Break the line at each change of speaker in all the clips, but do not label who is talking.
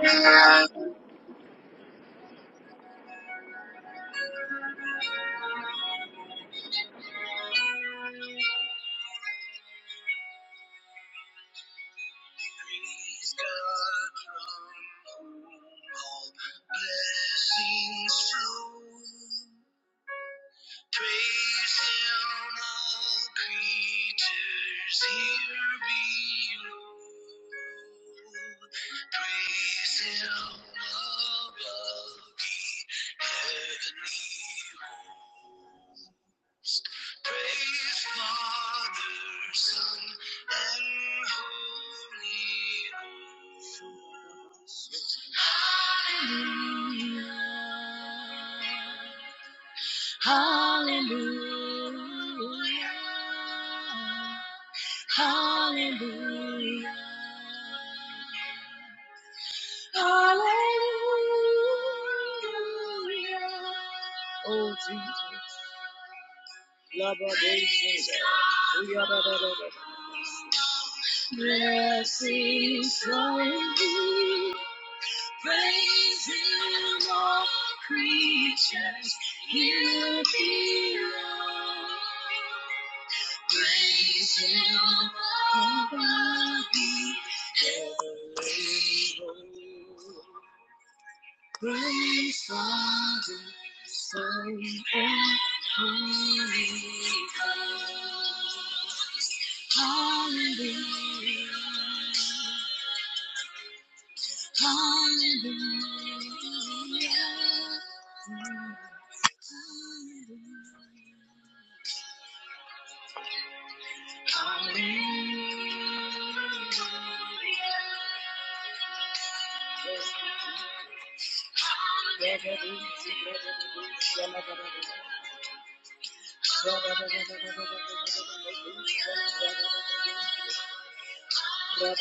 now Praise God from whom all blessings flow. Praise Him, all creatures here below. Praise Him above. the heavenly host. Praise Father, Son, and Holy Ghost. Hallelujah. Hallelujah. Hallelujah. Hallelujah. Oh, Jesus. Love of Jesus. We are the- the- the- Yes, he's so indeed. Praise him, all creatures. He'll be loved. Praise him, all the heavenly hosts. Great Father, Son, and Holy Ghost. Hallelujah, hallelujah. Hallelujah. Hallelujah. Great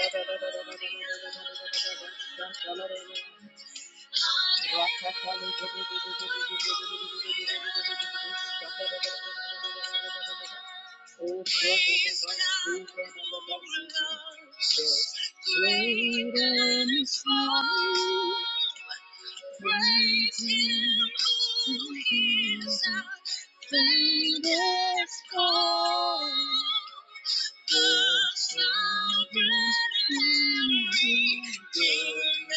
and strong. Praise Him who is our greatest God. The sovereign and redeemer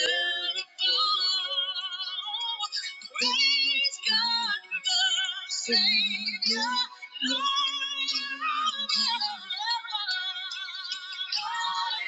of all. Praise God, the Savior, Lord our God.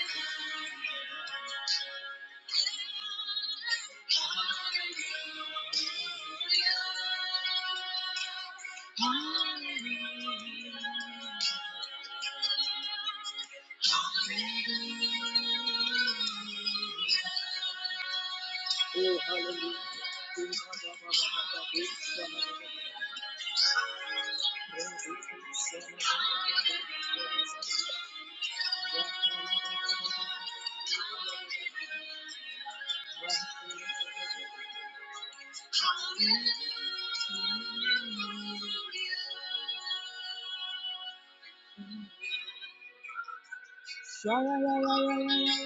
Oh, hallelujah.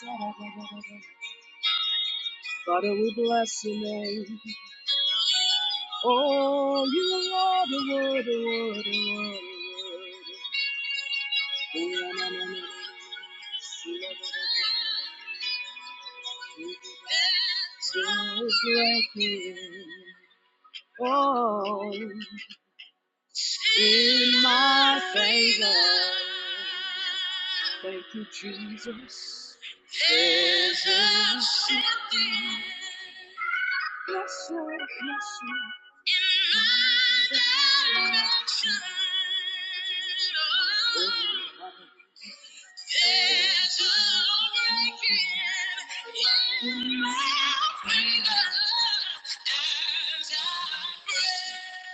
Hallelujah. Father, we bless your name. Oh, you are the word, the word, the word, the word. Oh, na, na, na, na, na. Just like you. Oh. in my favor. Thank you, Jesus. There's a shifting. Yes, Lord. Yes, Lord. In my direction. Oh, There's a breaking in my favor as I pray.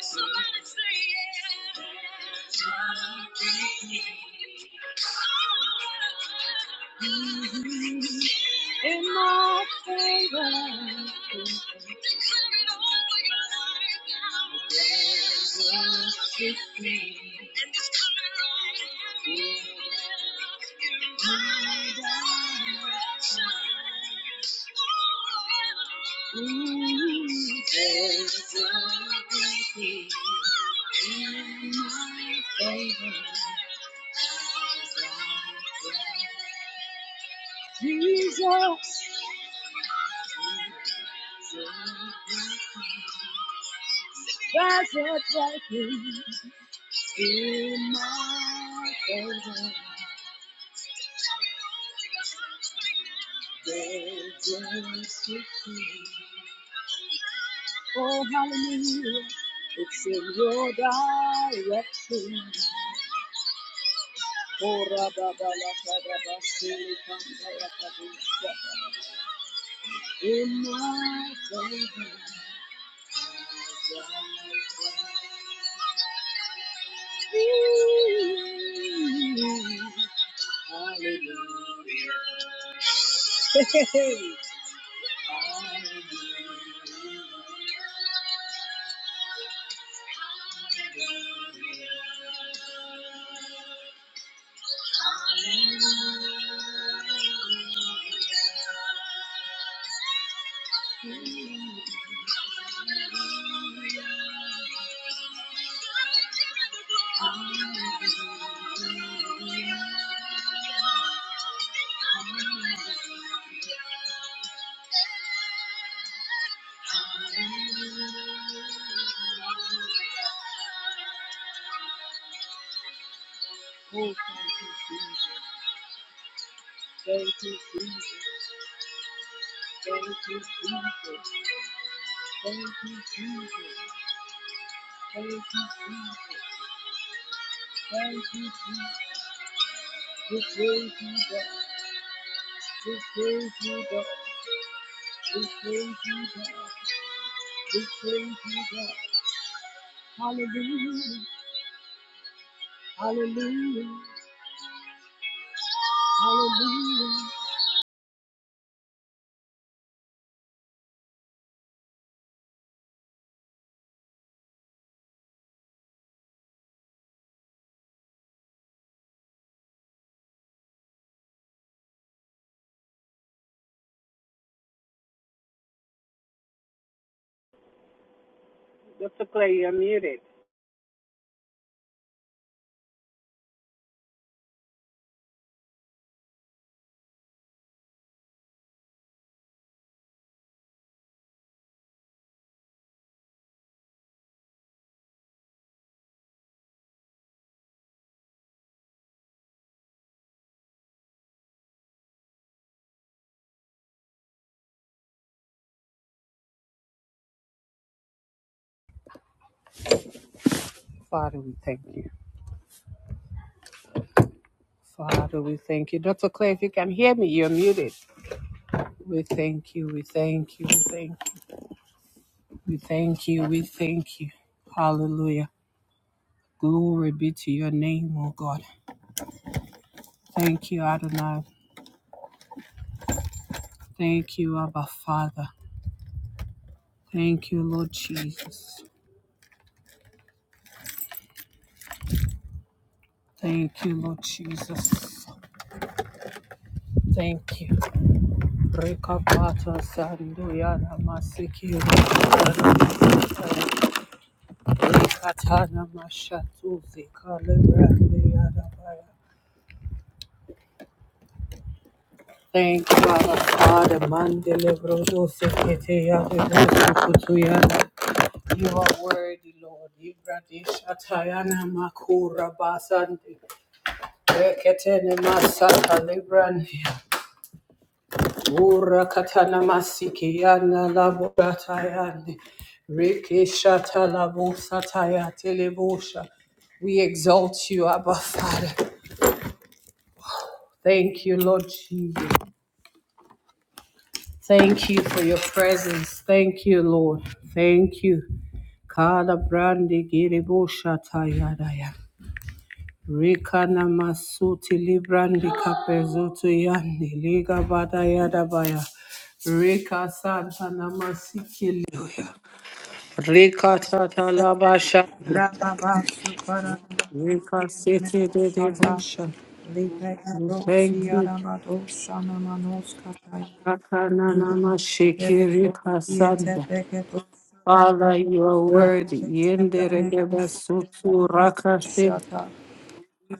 Somebody say yeah. In my favor. Declare it over your life. now. And it's coming along. in my direction. Ooh, there's a blessing in my favor. As I pray. Jesus, there's a breaking in my favor. Oh, hallelujah. It's in your direction. Oh, rabba ba In my favor. Hallelujah. Hallelujah. Oh, thank you, Jesus. Thank you, Jesus. Thank you, Jesus. Thank you, Jesus. Thank you, Jesus. Thank you, Jesus. We praise you, God. We praise you, God. We praise you, God. We praise you, God. Hallelujah. Hallelujah. Hallelujah.
Dr. Clay, you're muted. Father, we thank you. Father, we thank you. Dr. Clay, if you can hear me, you're muted. We thank you. We thank you. We thank you. We thank you. We thank you. Hallelujah. Glory be to your name, O God. Thank you, Adonai. Thank you, Abba Father. Thank you, Lord Jesus. Thank you, Lord Jesus. Thank you. Rekapata sanduya namasiki. Thank you, Father Father, Mandele Brodo Seketea de Brodo Kutuyana. You are worthy, Lord. Ibradi Shatayana Makura Basandi. Reketene Masata Librani. Ura Katana Masikiana Laburatayani. Riki Shata Sataya Telebusha. We exalt you, Abba Father. Thank you, Lord Jesus. Thank you for your presence. Thank you, Lord. Thank you. Kala brandi giribo shata yadaya. Rika masuti librandi kapezutu yandi liga bada yadabaya. Rika santa namasiki liya. Rika tata
Shut up.
labasha. Rika siti dedebusha. We thank you. Rakana namashiki rika santa. Father, you are worthy. Yendere geba sutu rakashim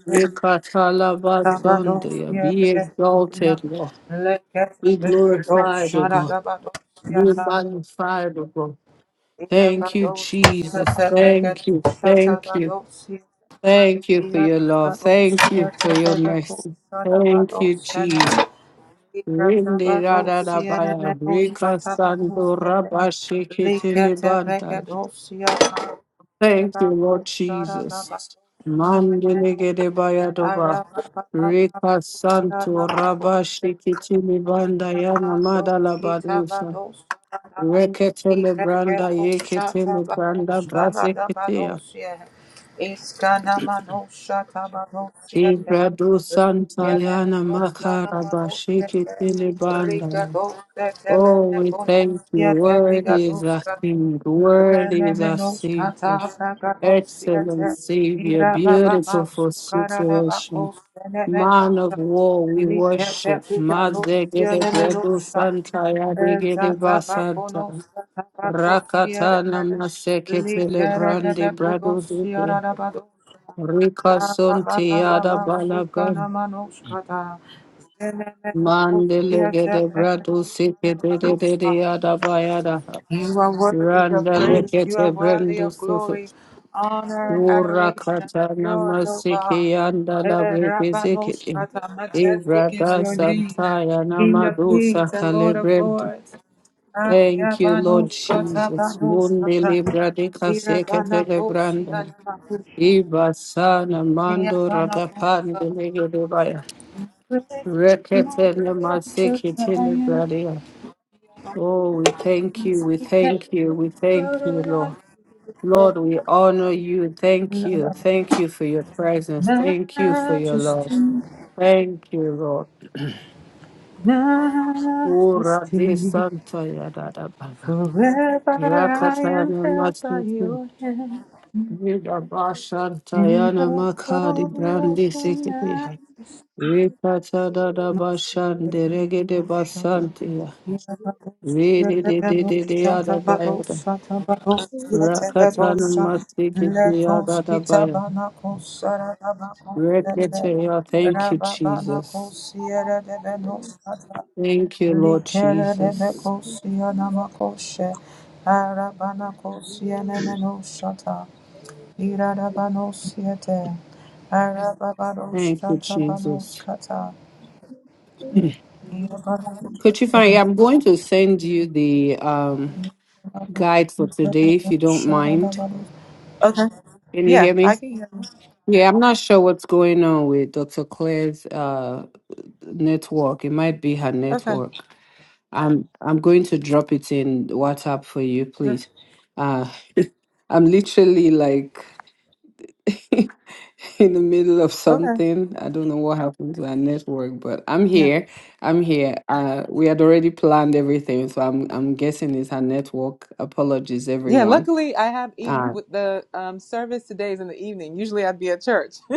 rekatala batunde. Be exalted, Lord. Be glorified, O God. Be magnified, O God. Thank you, Jesus. Thank you. Thank you. Thank you for your love. Thank you for your mercy. Thank you, Jesus. Rindi rada rabaya, rika sando rabashikitili bandai.
Araba
Thank you, Lord Jesus. Mandelegede bayadoba. Rika santo rabashi kitini banda yana
Dinamados,
madala badusa.
kitabados,
Reketele branda yeketele branda brazeketea.
kaladabados, ye. Iskana manus,
Just say, just say, just say,
kaladanus, ye.
Kibradu
just
santa
Rika ne
yana
manus,
makara
kaladanus,
bashi
ye.
kitini banda.
Rika dos, ye,
Oh, we
neko manus,
thank you.
ye,
Word is
bigadus,
our
kaladus.
King. Word is our
Remenos kata
Savior.
pragados
Excellent
yete.
Savior,
Mira baba
beautiful
masu
for
karada
situation.
bakos
Man of
enemenosha.
war, we
Likete
worship.
pigados
Mazegede bredo
yenemenosha.
santa yadegede
Ezata
basanta.
bakonos kata bakos yere.
Rakatana maseke pele
Likere de
brandi brado
bekudos
zike.
yarada badosha.
Rika
Aba
sonti
baba
yada
baba sukana
balabra.
manos kata. Zenemenokos
Mandele
yete
gede brado
pegados
sike
yarada
de de de
badosha.
de yada bayada.
You are worthy
Randa
of praise. You are
lekete
worthy
brendo
of glory, honor, and adoration. It's
Urakatana
yours, O God.
masiki yanda la
Eh,
brebe zekete.
Rabbanoshrata, Majestic is
Ibrada
your name,
santaya
King of
namadusa
kings and Lord of
kalebrendu.
lords. Ah,
Thank you, Lord
Yabbanoshrata,
Jesus. Mundi
Banoshrata.
librade sekete
Irabbanakosi,
lebranda.
Hanamakusha.
Iba sana mando
Eyabanakosa.
ragapande legedebaya.
Praise the Lord,
Rekete na
just the
masiki
Zion.
telebradia. Oh, we thank you, we
We have
thank you, we
the
thank you, Lord.
Lord
Lord, we honor you. Thank
of
you.
life.
Thank you for your presence. Thank you for your love.
Majesty,
Thank you, Lord. Ura de
majesty,
Santa ya da da ba ba.
forever I am
Rakatana
held by
Masniki.
your hand.
Vida Bashanta
In
Yana
the
Makadi
glory of
Brandi
your
Sikitiha. Rikata da da
majesty,
Bashande Regede
Shatta,
Basantia.
Yabados,
Vidi di di
Yabano,
di di
Shatta,
yada
Bados,
bayada.
Shatta, Bados,
Rakatana
Yatabadosa,
Masniki
Letos,
yada da baya.
Kitabanakos, Sarabakos,
Rekete ya. Thank you, Jesus.
Rababanakos, Yere
Thank you, Lord Jesus.
Likerelebekosia Arabanakosia nemenoshata. Irabanosiete.
Thank you,
Arababaroshata
Jesus.
banoskata.
Could you find? I'm going to send you the um, guide for today, if you don't mind.
Irabanoshatabanoshadabanos. Okay.
Can you
Yeah,
hear me?
I can hear you.
Yeah, I'm not sure what's going on with Dr. Claire's uh, network. It might be her
Okay.
network. I'm I'm going to drop it in WhatsApp for you,
Sure.
please. Uh, I'm literally like in the middle of
Okay.
something. I don't know what happened to our network, but I'm
Yeah.
here. I'm here. Uh, we had already planned everything, so I'm I'm guessing it's our network. Apologies,
Yeah,
everyone.
luckily I have even
Uh,
with the um, service today is in the evening. Usually I'd be at church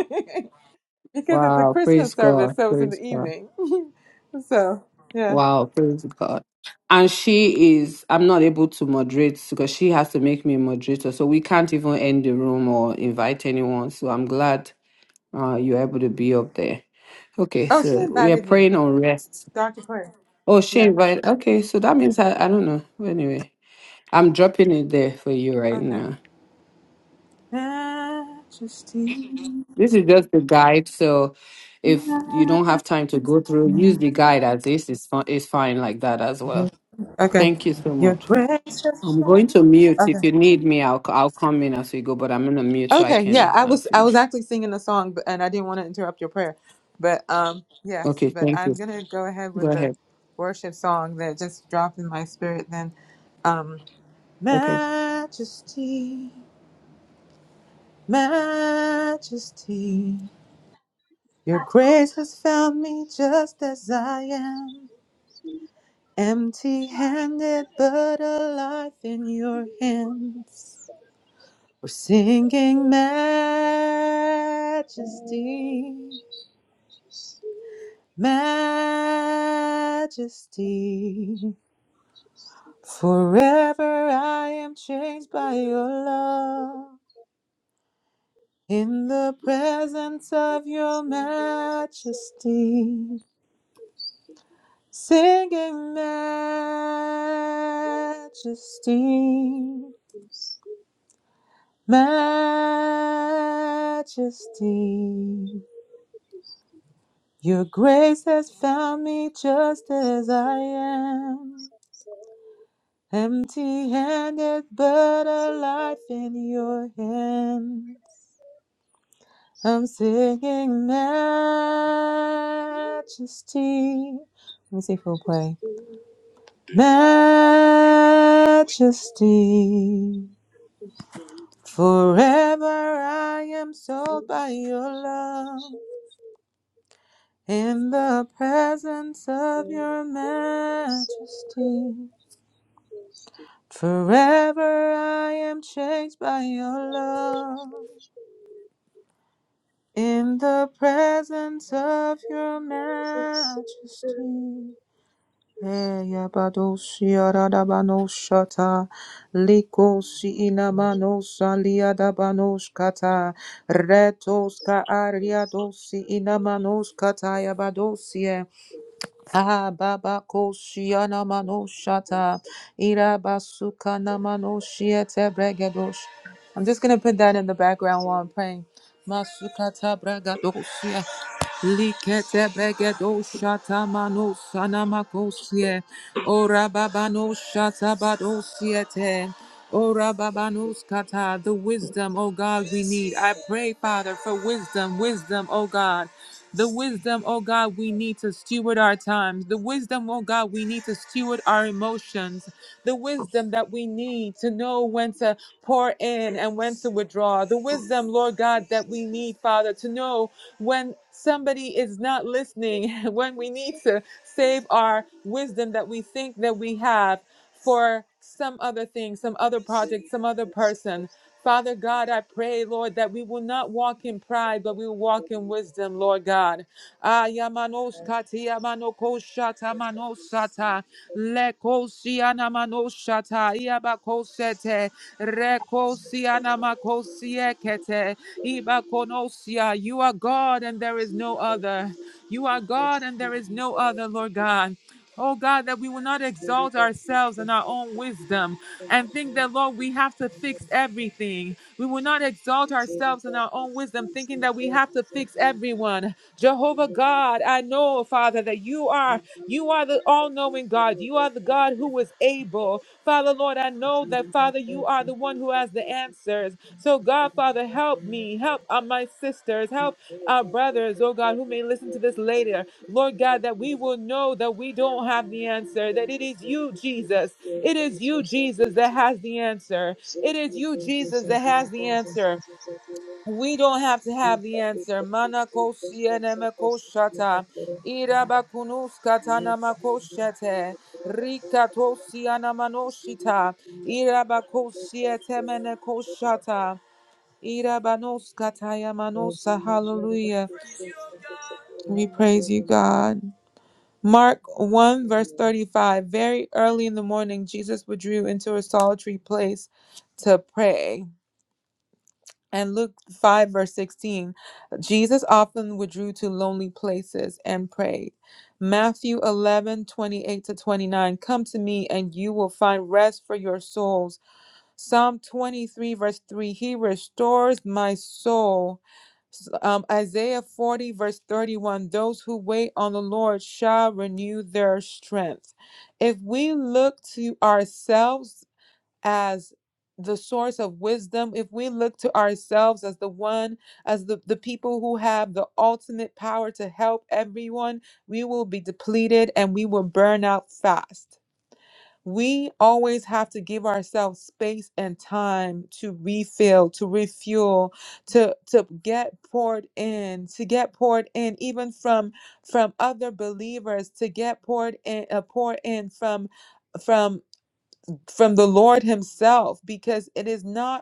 because it's a
wow,
Christmas
praise
service,
God,
so it's in the
praise God.
evening. so, yeah.
Wow, praise God. And she is. I'm not able to moderate because she has to make me a moderator, so we can't even end the room or invite anyone. So I'm glad uh, you're able to be up there. Okay,
Oh, she
so we are
invited me,
praying on rest.
Dr. Claire.
Oh, she
Yeah.
invited. Okay, so that means I, I don't know. Anyway, I'm dropping it there for you right
Okay.
now.
Majesty.
This is just the guide. So if you don't have time to go through, use the guide as this is fine, is fine like that as well.
Okay.
Thank you so
Your
much.
grace. has
I'm going
shown-
to mute.
Okay.
If you need me, I'll c- I'll come in as we go, but I'm going to mute so I
Okay. Yeah,
can
I
uh,
was I was
finish.
actually singing a song, but and I didn't want to interrupt your prayer, but um yes,
Okay,
but
thank
I'm
you.
gonna go ahead
Go
with the
ahead.
worship song that just dropped in my spirit. Then, um,
Okay.
Majesty, Majesty, Your grace has found me just as I am. Empty handed, but alive in your hands. We're singing majesty, majesty. Forever I am changed by your love. In the presence of your
say, just say,
majesty,
just say.
singing
Thank
majesty. majesty. Your grace has found me just as I am, empty handed, but alive in your hands. I'm singing majesty. Let me see if we'll play. Majesty, forever I am sold by your love. in the presence of your majesty. Forever I am changed by your love. In the presence of your majesty.
you. Thank
Eyabadoshiaradabanoshata, likosiinamanosaliadabanoshkata, retoska ariadosi inamanos Ababakoshiana manoshata irabasukana manoshiete bregedosh. I'm just gonna put that in the background while I'm praying. Masukata bragadosh. Likete begedo shata mano sanamakosie. Ora babano shata badosiete. Ora babanos kata. The wisdom, oh God, we need. I pray, Father, for wisdom, wisdom, oh God. The wisdom, oh God, we need to steward our times. The wisdom, oh God, we need to steward our emotions. The wisdom that we need to know when to pour in and when to withdraw. The wisdom, Lord God, that we need, Father, to know when somebody is not listening, when we need to save our wisdom that we think that we have for some other thing, some other project, some other person. Father God, I pray,
you.
Lord, that we will not walk
Zeri
in pride, but we will walk in
da
wisdom, Lord God. Ah, yamanos kati yamano koshata manosata leko manosata iabakosete reko makosiekete Ibakonosia, You are God and there is no other. You are God and there is no other, Lord God. Oh God, that we will not exalt ourselves in our own wisdom and think that, Lord, we have to fix everything. We will not exalt ourselves in our own wisdom,
Christus,
thinking that we have
Zeri,
to fix
Zeri,
everyone. Jehovah
Zeri,
God, I know, Father, that you are
Thank you.
you are the all-knowing God. You are the God who is able. Father, Lord, I know
can
that, Father, you are the one who has the answers. So, God, Father, help me, help uh, my sisters, help our brothers, oh God, who may listen to this later. Lord God, that we will know that we don't have the answer, that it is you, Jesus. It is
replace
you,
resources
Jesus,
and
that has the answer. It is you, Jesus, that has the
things and
answer.
things and things and
We don't have to have the
Nyika
answer. Mana
irikupiswe ngezopo zvakanaka
koshata.
kuronda
Irabakunus
nyika yedu
makoshete. Rika
yakarondoka
tosiana
kusiri
manoshita.
kuenda kukorobeka
Irabakosiete
kuenda kukorobeka
Irabanoskatayamanosa.
vazimbabwe vari
Hallelujah.
kupiswe ngezopo
We
zvakanaka
praise you,
kuronda.
God. Mark 1, verse 35. Very early in the morning, Jesus withdrew into a solitary place to pray. And Luke 5, verse 16. Jesus often withdrew to lonely places and prayed. Matthew 11 28 to 29. Come to me, and you will find rest for your souls. Psalm 23, verse 3 He restores my soul. Um, Isaiah 40, verse 31 Those who wait on the Lord shall renew their strength. If we look to ourselves as the source of wisdom, if we look to ourselves as the one, as the, the people who have the ultimate power to help everyone, we will be depleted and we will burn out fast we always have to give ourselves space and time to refill to refuel to to get poured in to get poured in even from from other believers to get poured in uh, poured in from from from the lord himself because it is not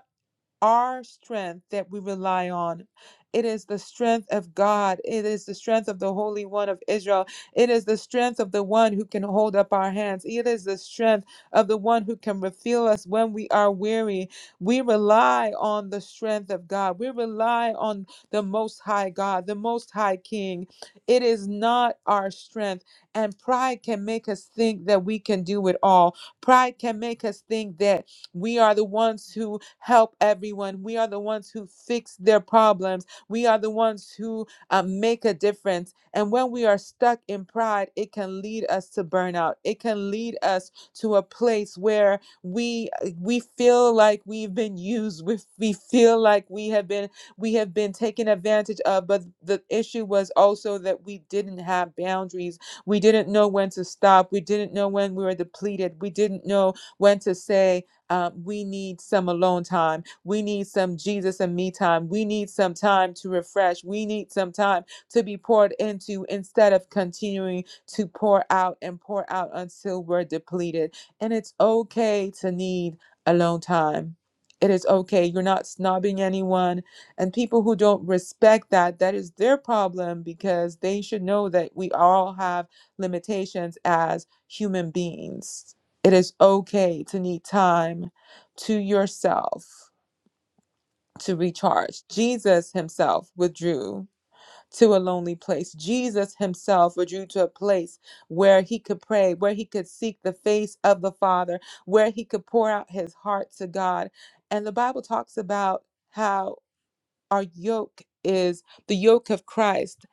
our strength that we rely on. It is the strength of God. It is the strength of the Holy One of Israel. It is the strength of the one who can hold up our hands. It is the strength of the one who can refill us when we are weary. We rely on the strength of God. We rely on the Most High God, the Most High King. It is not our strength. And pride can make us think that we can do it all. Pride can make us think that we are the ones who help everyone. We are the ones who fix their problems. We are the ones who uh, make a difference. And when we are stuck in pride, it can lead us to burnout. It can lead us to a place where we we feel like we've been used. We, we feel like we have been we have been taken advantage of. But the issue was also that we didn't have boundaries. We didn't know when to stop. We didn't know when we were depleted. We didn't know when to say uh, we need some alone time. We need some Jesus and me time. We need some time to refresh. We need some time to be poured into instead of continuing to pour out and pour out until we're depleted. And it's okay to need alone time. It is okay. You're not snobbing anyone. And people who don't respect that, that is their problem because they should know that we all have limitations as human beings it is okay to need time to yourself to recharge. Jesus himself withdrew to a lonely place. Jesus himself withdrew to a place where he could pray, where he could seek the face of the Father, where he could pour out his heart to God. And the Bible talks about how our yoke is the yoke of Christ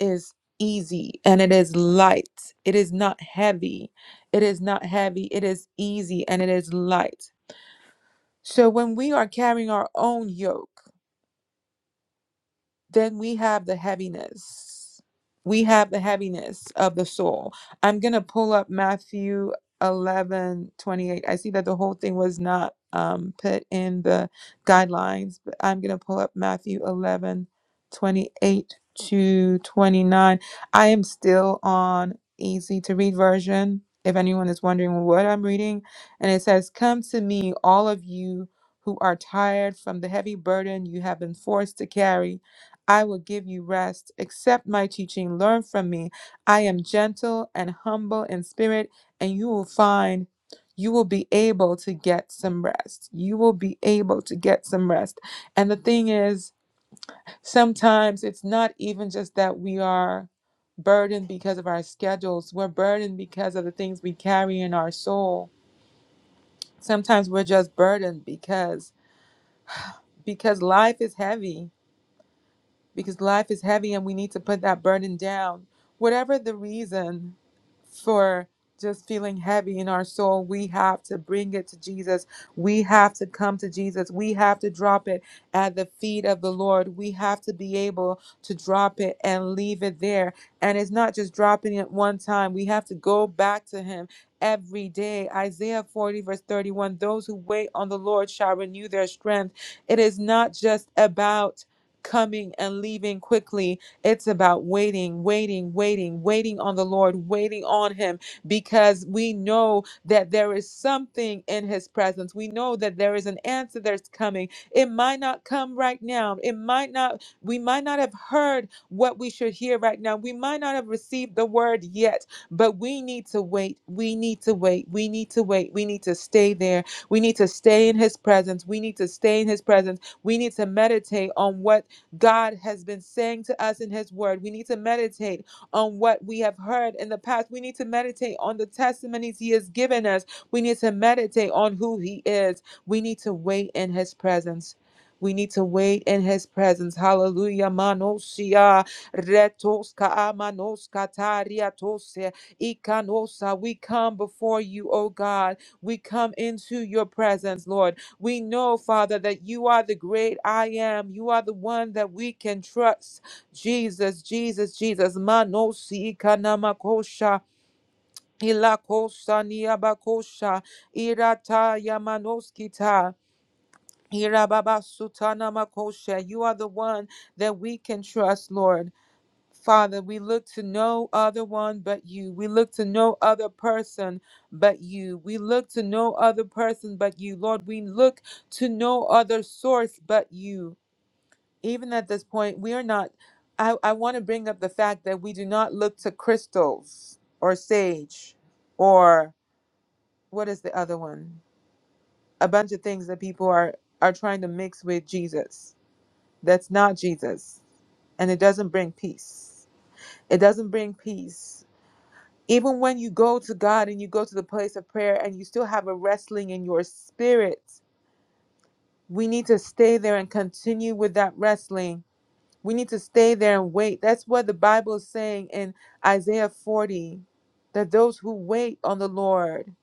is easy and it is light. It is not heavy. It is not heavy. It is easy and it is light. So when we are carrying our own yoke, then we have the heaviness. We have the heaviness of the soul. I'm going to pull up Matthew 11 28. I see that the whole thing was not um, put in the guidelines, but I'm going to pull up Matthew 11 28 to 29. I am still on easy to read version. If anyone is wondering what I'm reading, and it says, Come to me, all of you who are tired from the heavy burden you have been forced to carry I will give you rest. Accept my teaching, learn from me. I am gentle and humble in spirit, and you will find you will be able to get some rest. You will be able to get some rest. And the thing is, sometimes it's not even just that we are burdened because of our schedules, we're burdened because of the things we carry in our soul. Sometimes we're just burdened because because life is heavy because life is heavy and we need to put that burden down. Whatever the reason for just feeling heavy in our soul, we have to bring it to Jesus. We have to come to Jesus. We have to drop it at the feet of the Lord. We have to be able to drop it and leave it there. And it's not just dropping it one time, we have to go back to Him. Every day, Isaiah 40, verse 31 those who wait on the Lord shall renew their strength. It is not just about coming and leaving quickly. It's about waiting, waiting, waiting, waiting on the Lord, waiting on Him, because we know that there is something in His presence. We know that there is an answer that's coming. It might not come right now. It might not, we might not have heard what we should hear right now. We might not have received the word yet, but we need to wait. We need to wait. We need to wait. We need to stay there. We need to stay in His presence. We need to stay in His presence. We need to meditate on what God has been saying to us in His Word. We need to meditate on what we have heard in the past. We need to meditate on the testimonies He has given us. We need to meditate on who He is. We need to wait in His presence. We need to wait in his presence. Hallelujah. Manosia retoska amanoska tariatose ikanosa. We come before you, O God. We come into your presence, Lord. We know, Father, that you are the great I am. You are the one that we can trust. Jesus, Jesus, Jesus. Manosi kanamakosha. Ilakosha niabakosha. Irata yamanoskita. Irababa sutana makosha. You are the one that we can trust, Lord. Father, we look to no other one but you. We look to no other person but you. We look to no other person but you. Lord, we look to no other source but you. Even at this point, we are not. I, I want to bring up the fact that we do not look to crystals or sage or what is the other one? A bunch of things that people are, are trying to mix with Jesus. That's not Jesus. And it doesn't bring peace. It doesn't bring peace Even when you go to God and you go to the place of prayer and you still have a wrestling in your spirit, we need to stay there and continue with that wrestling. We need to stay there and wait. That's what the Bible is saying in Isaiah 40 that those who wait on the Lord,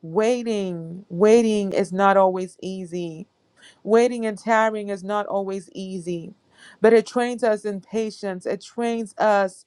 waiting, waiting is not always easy. Waiting and tarrying is not always easy, but it trains us in patience. It trains us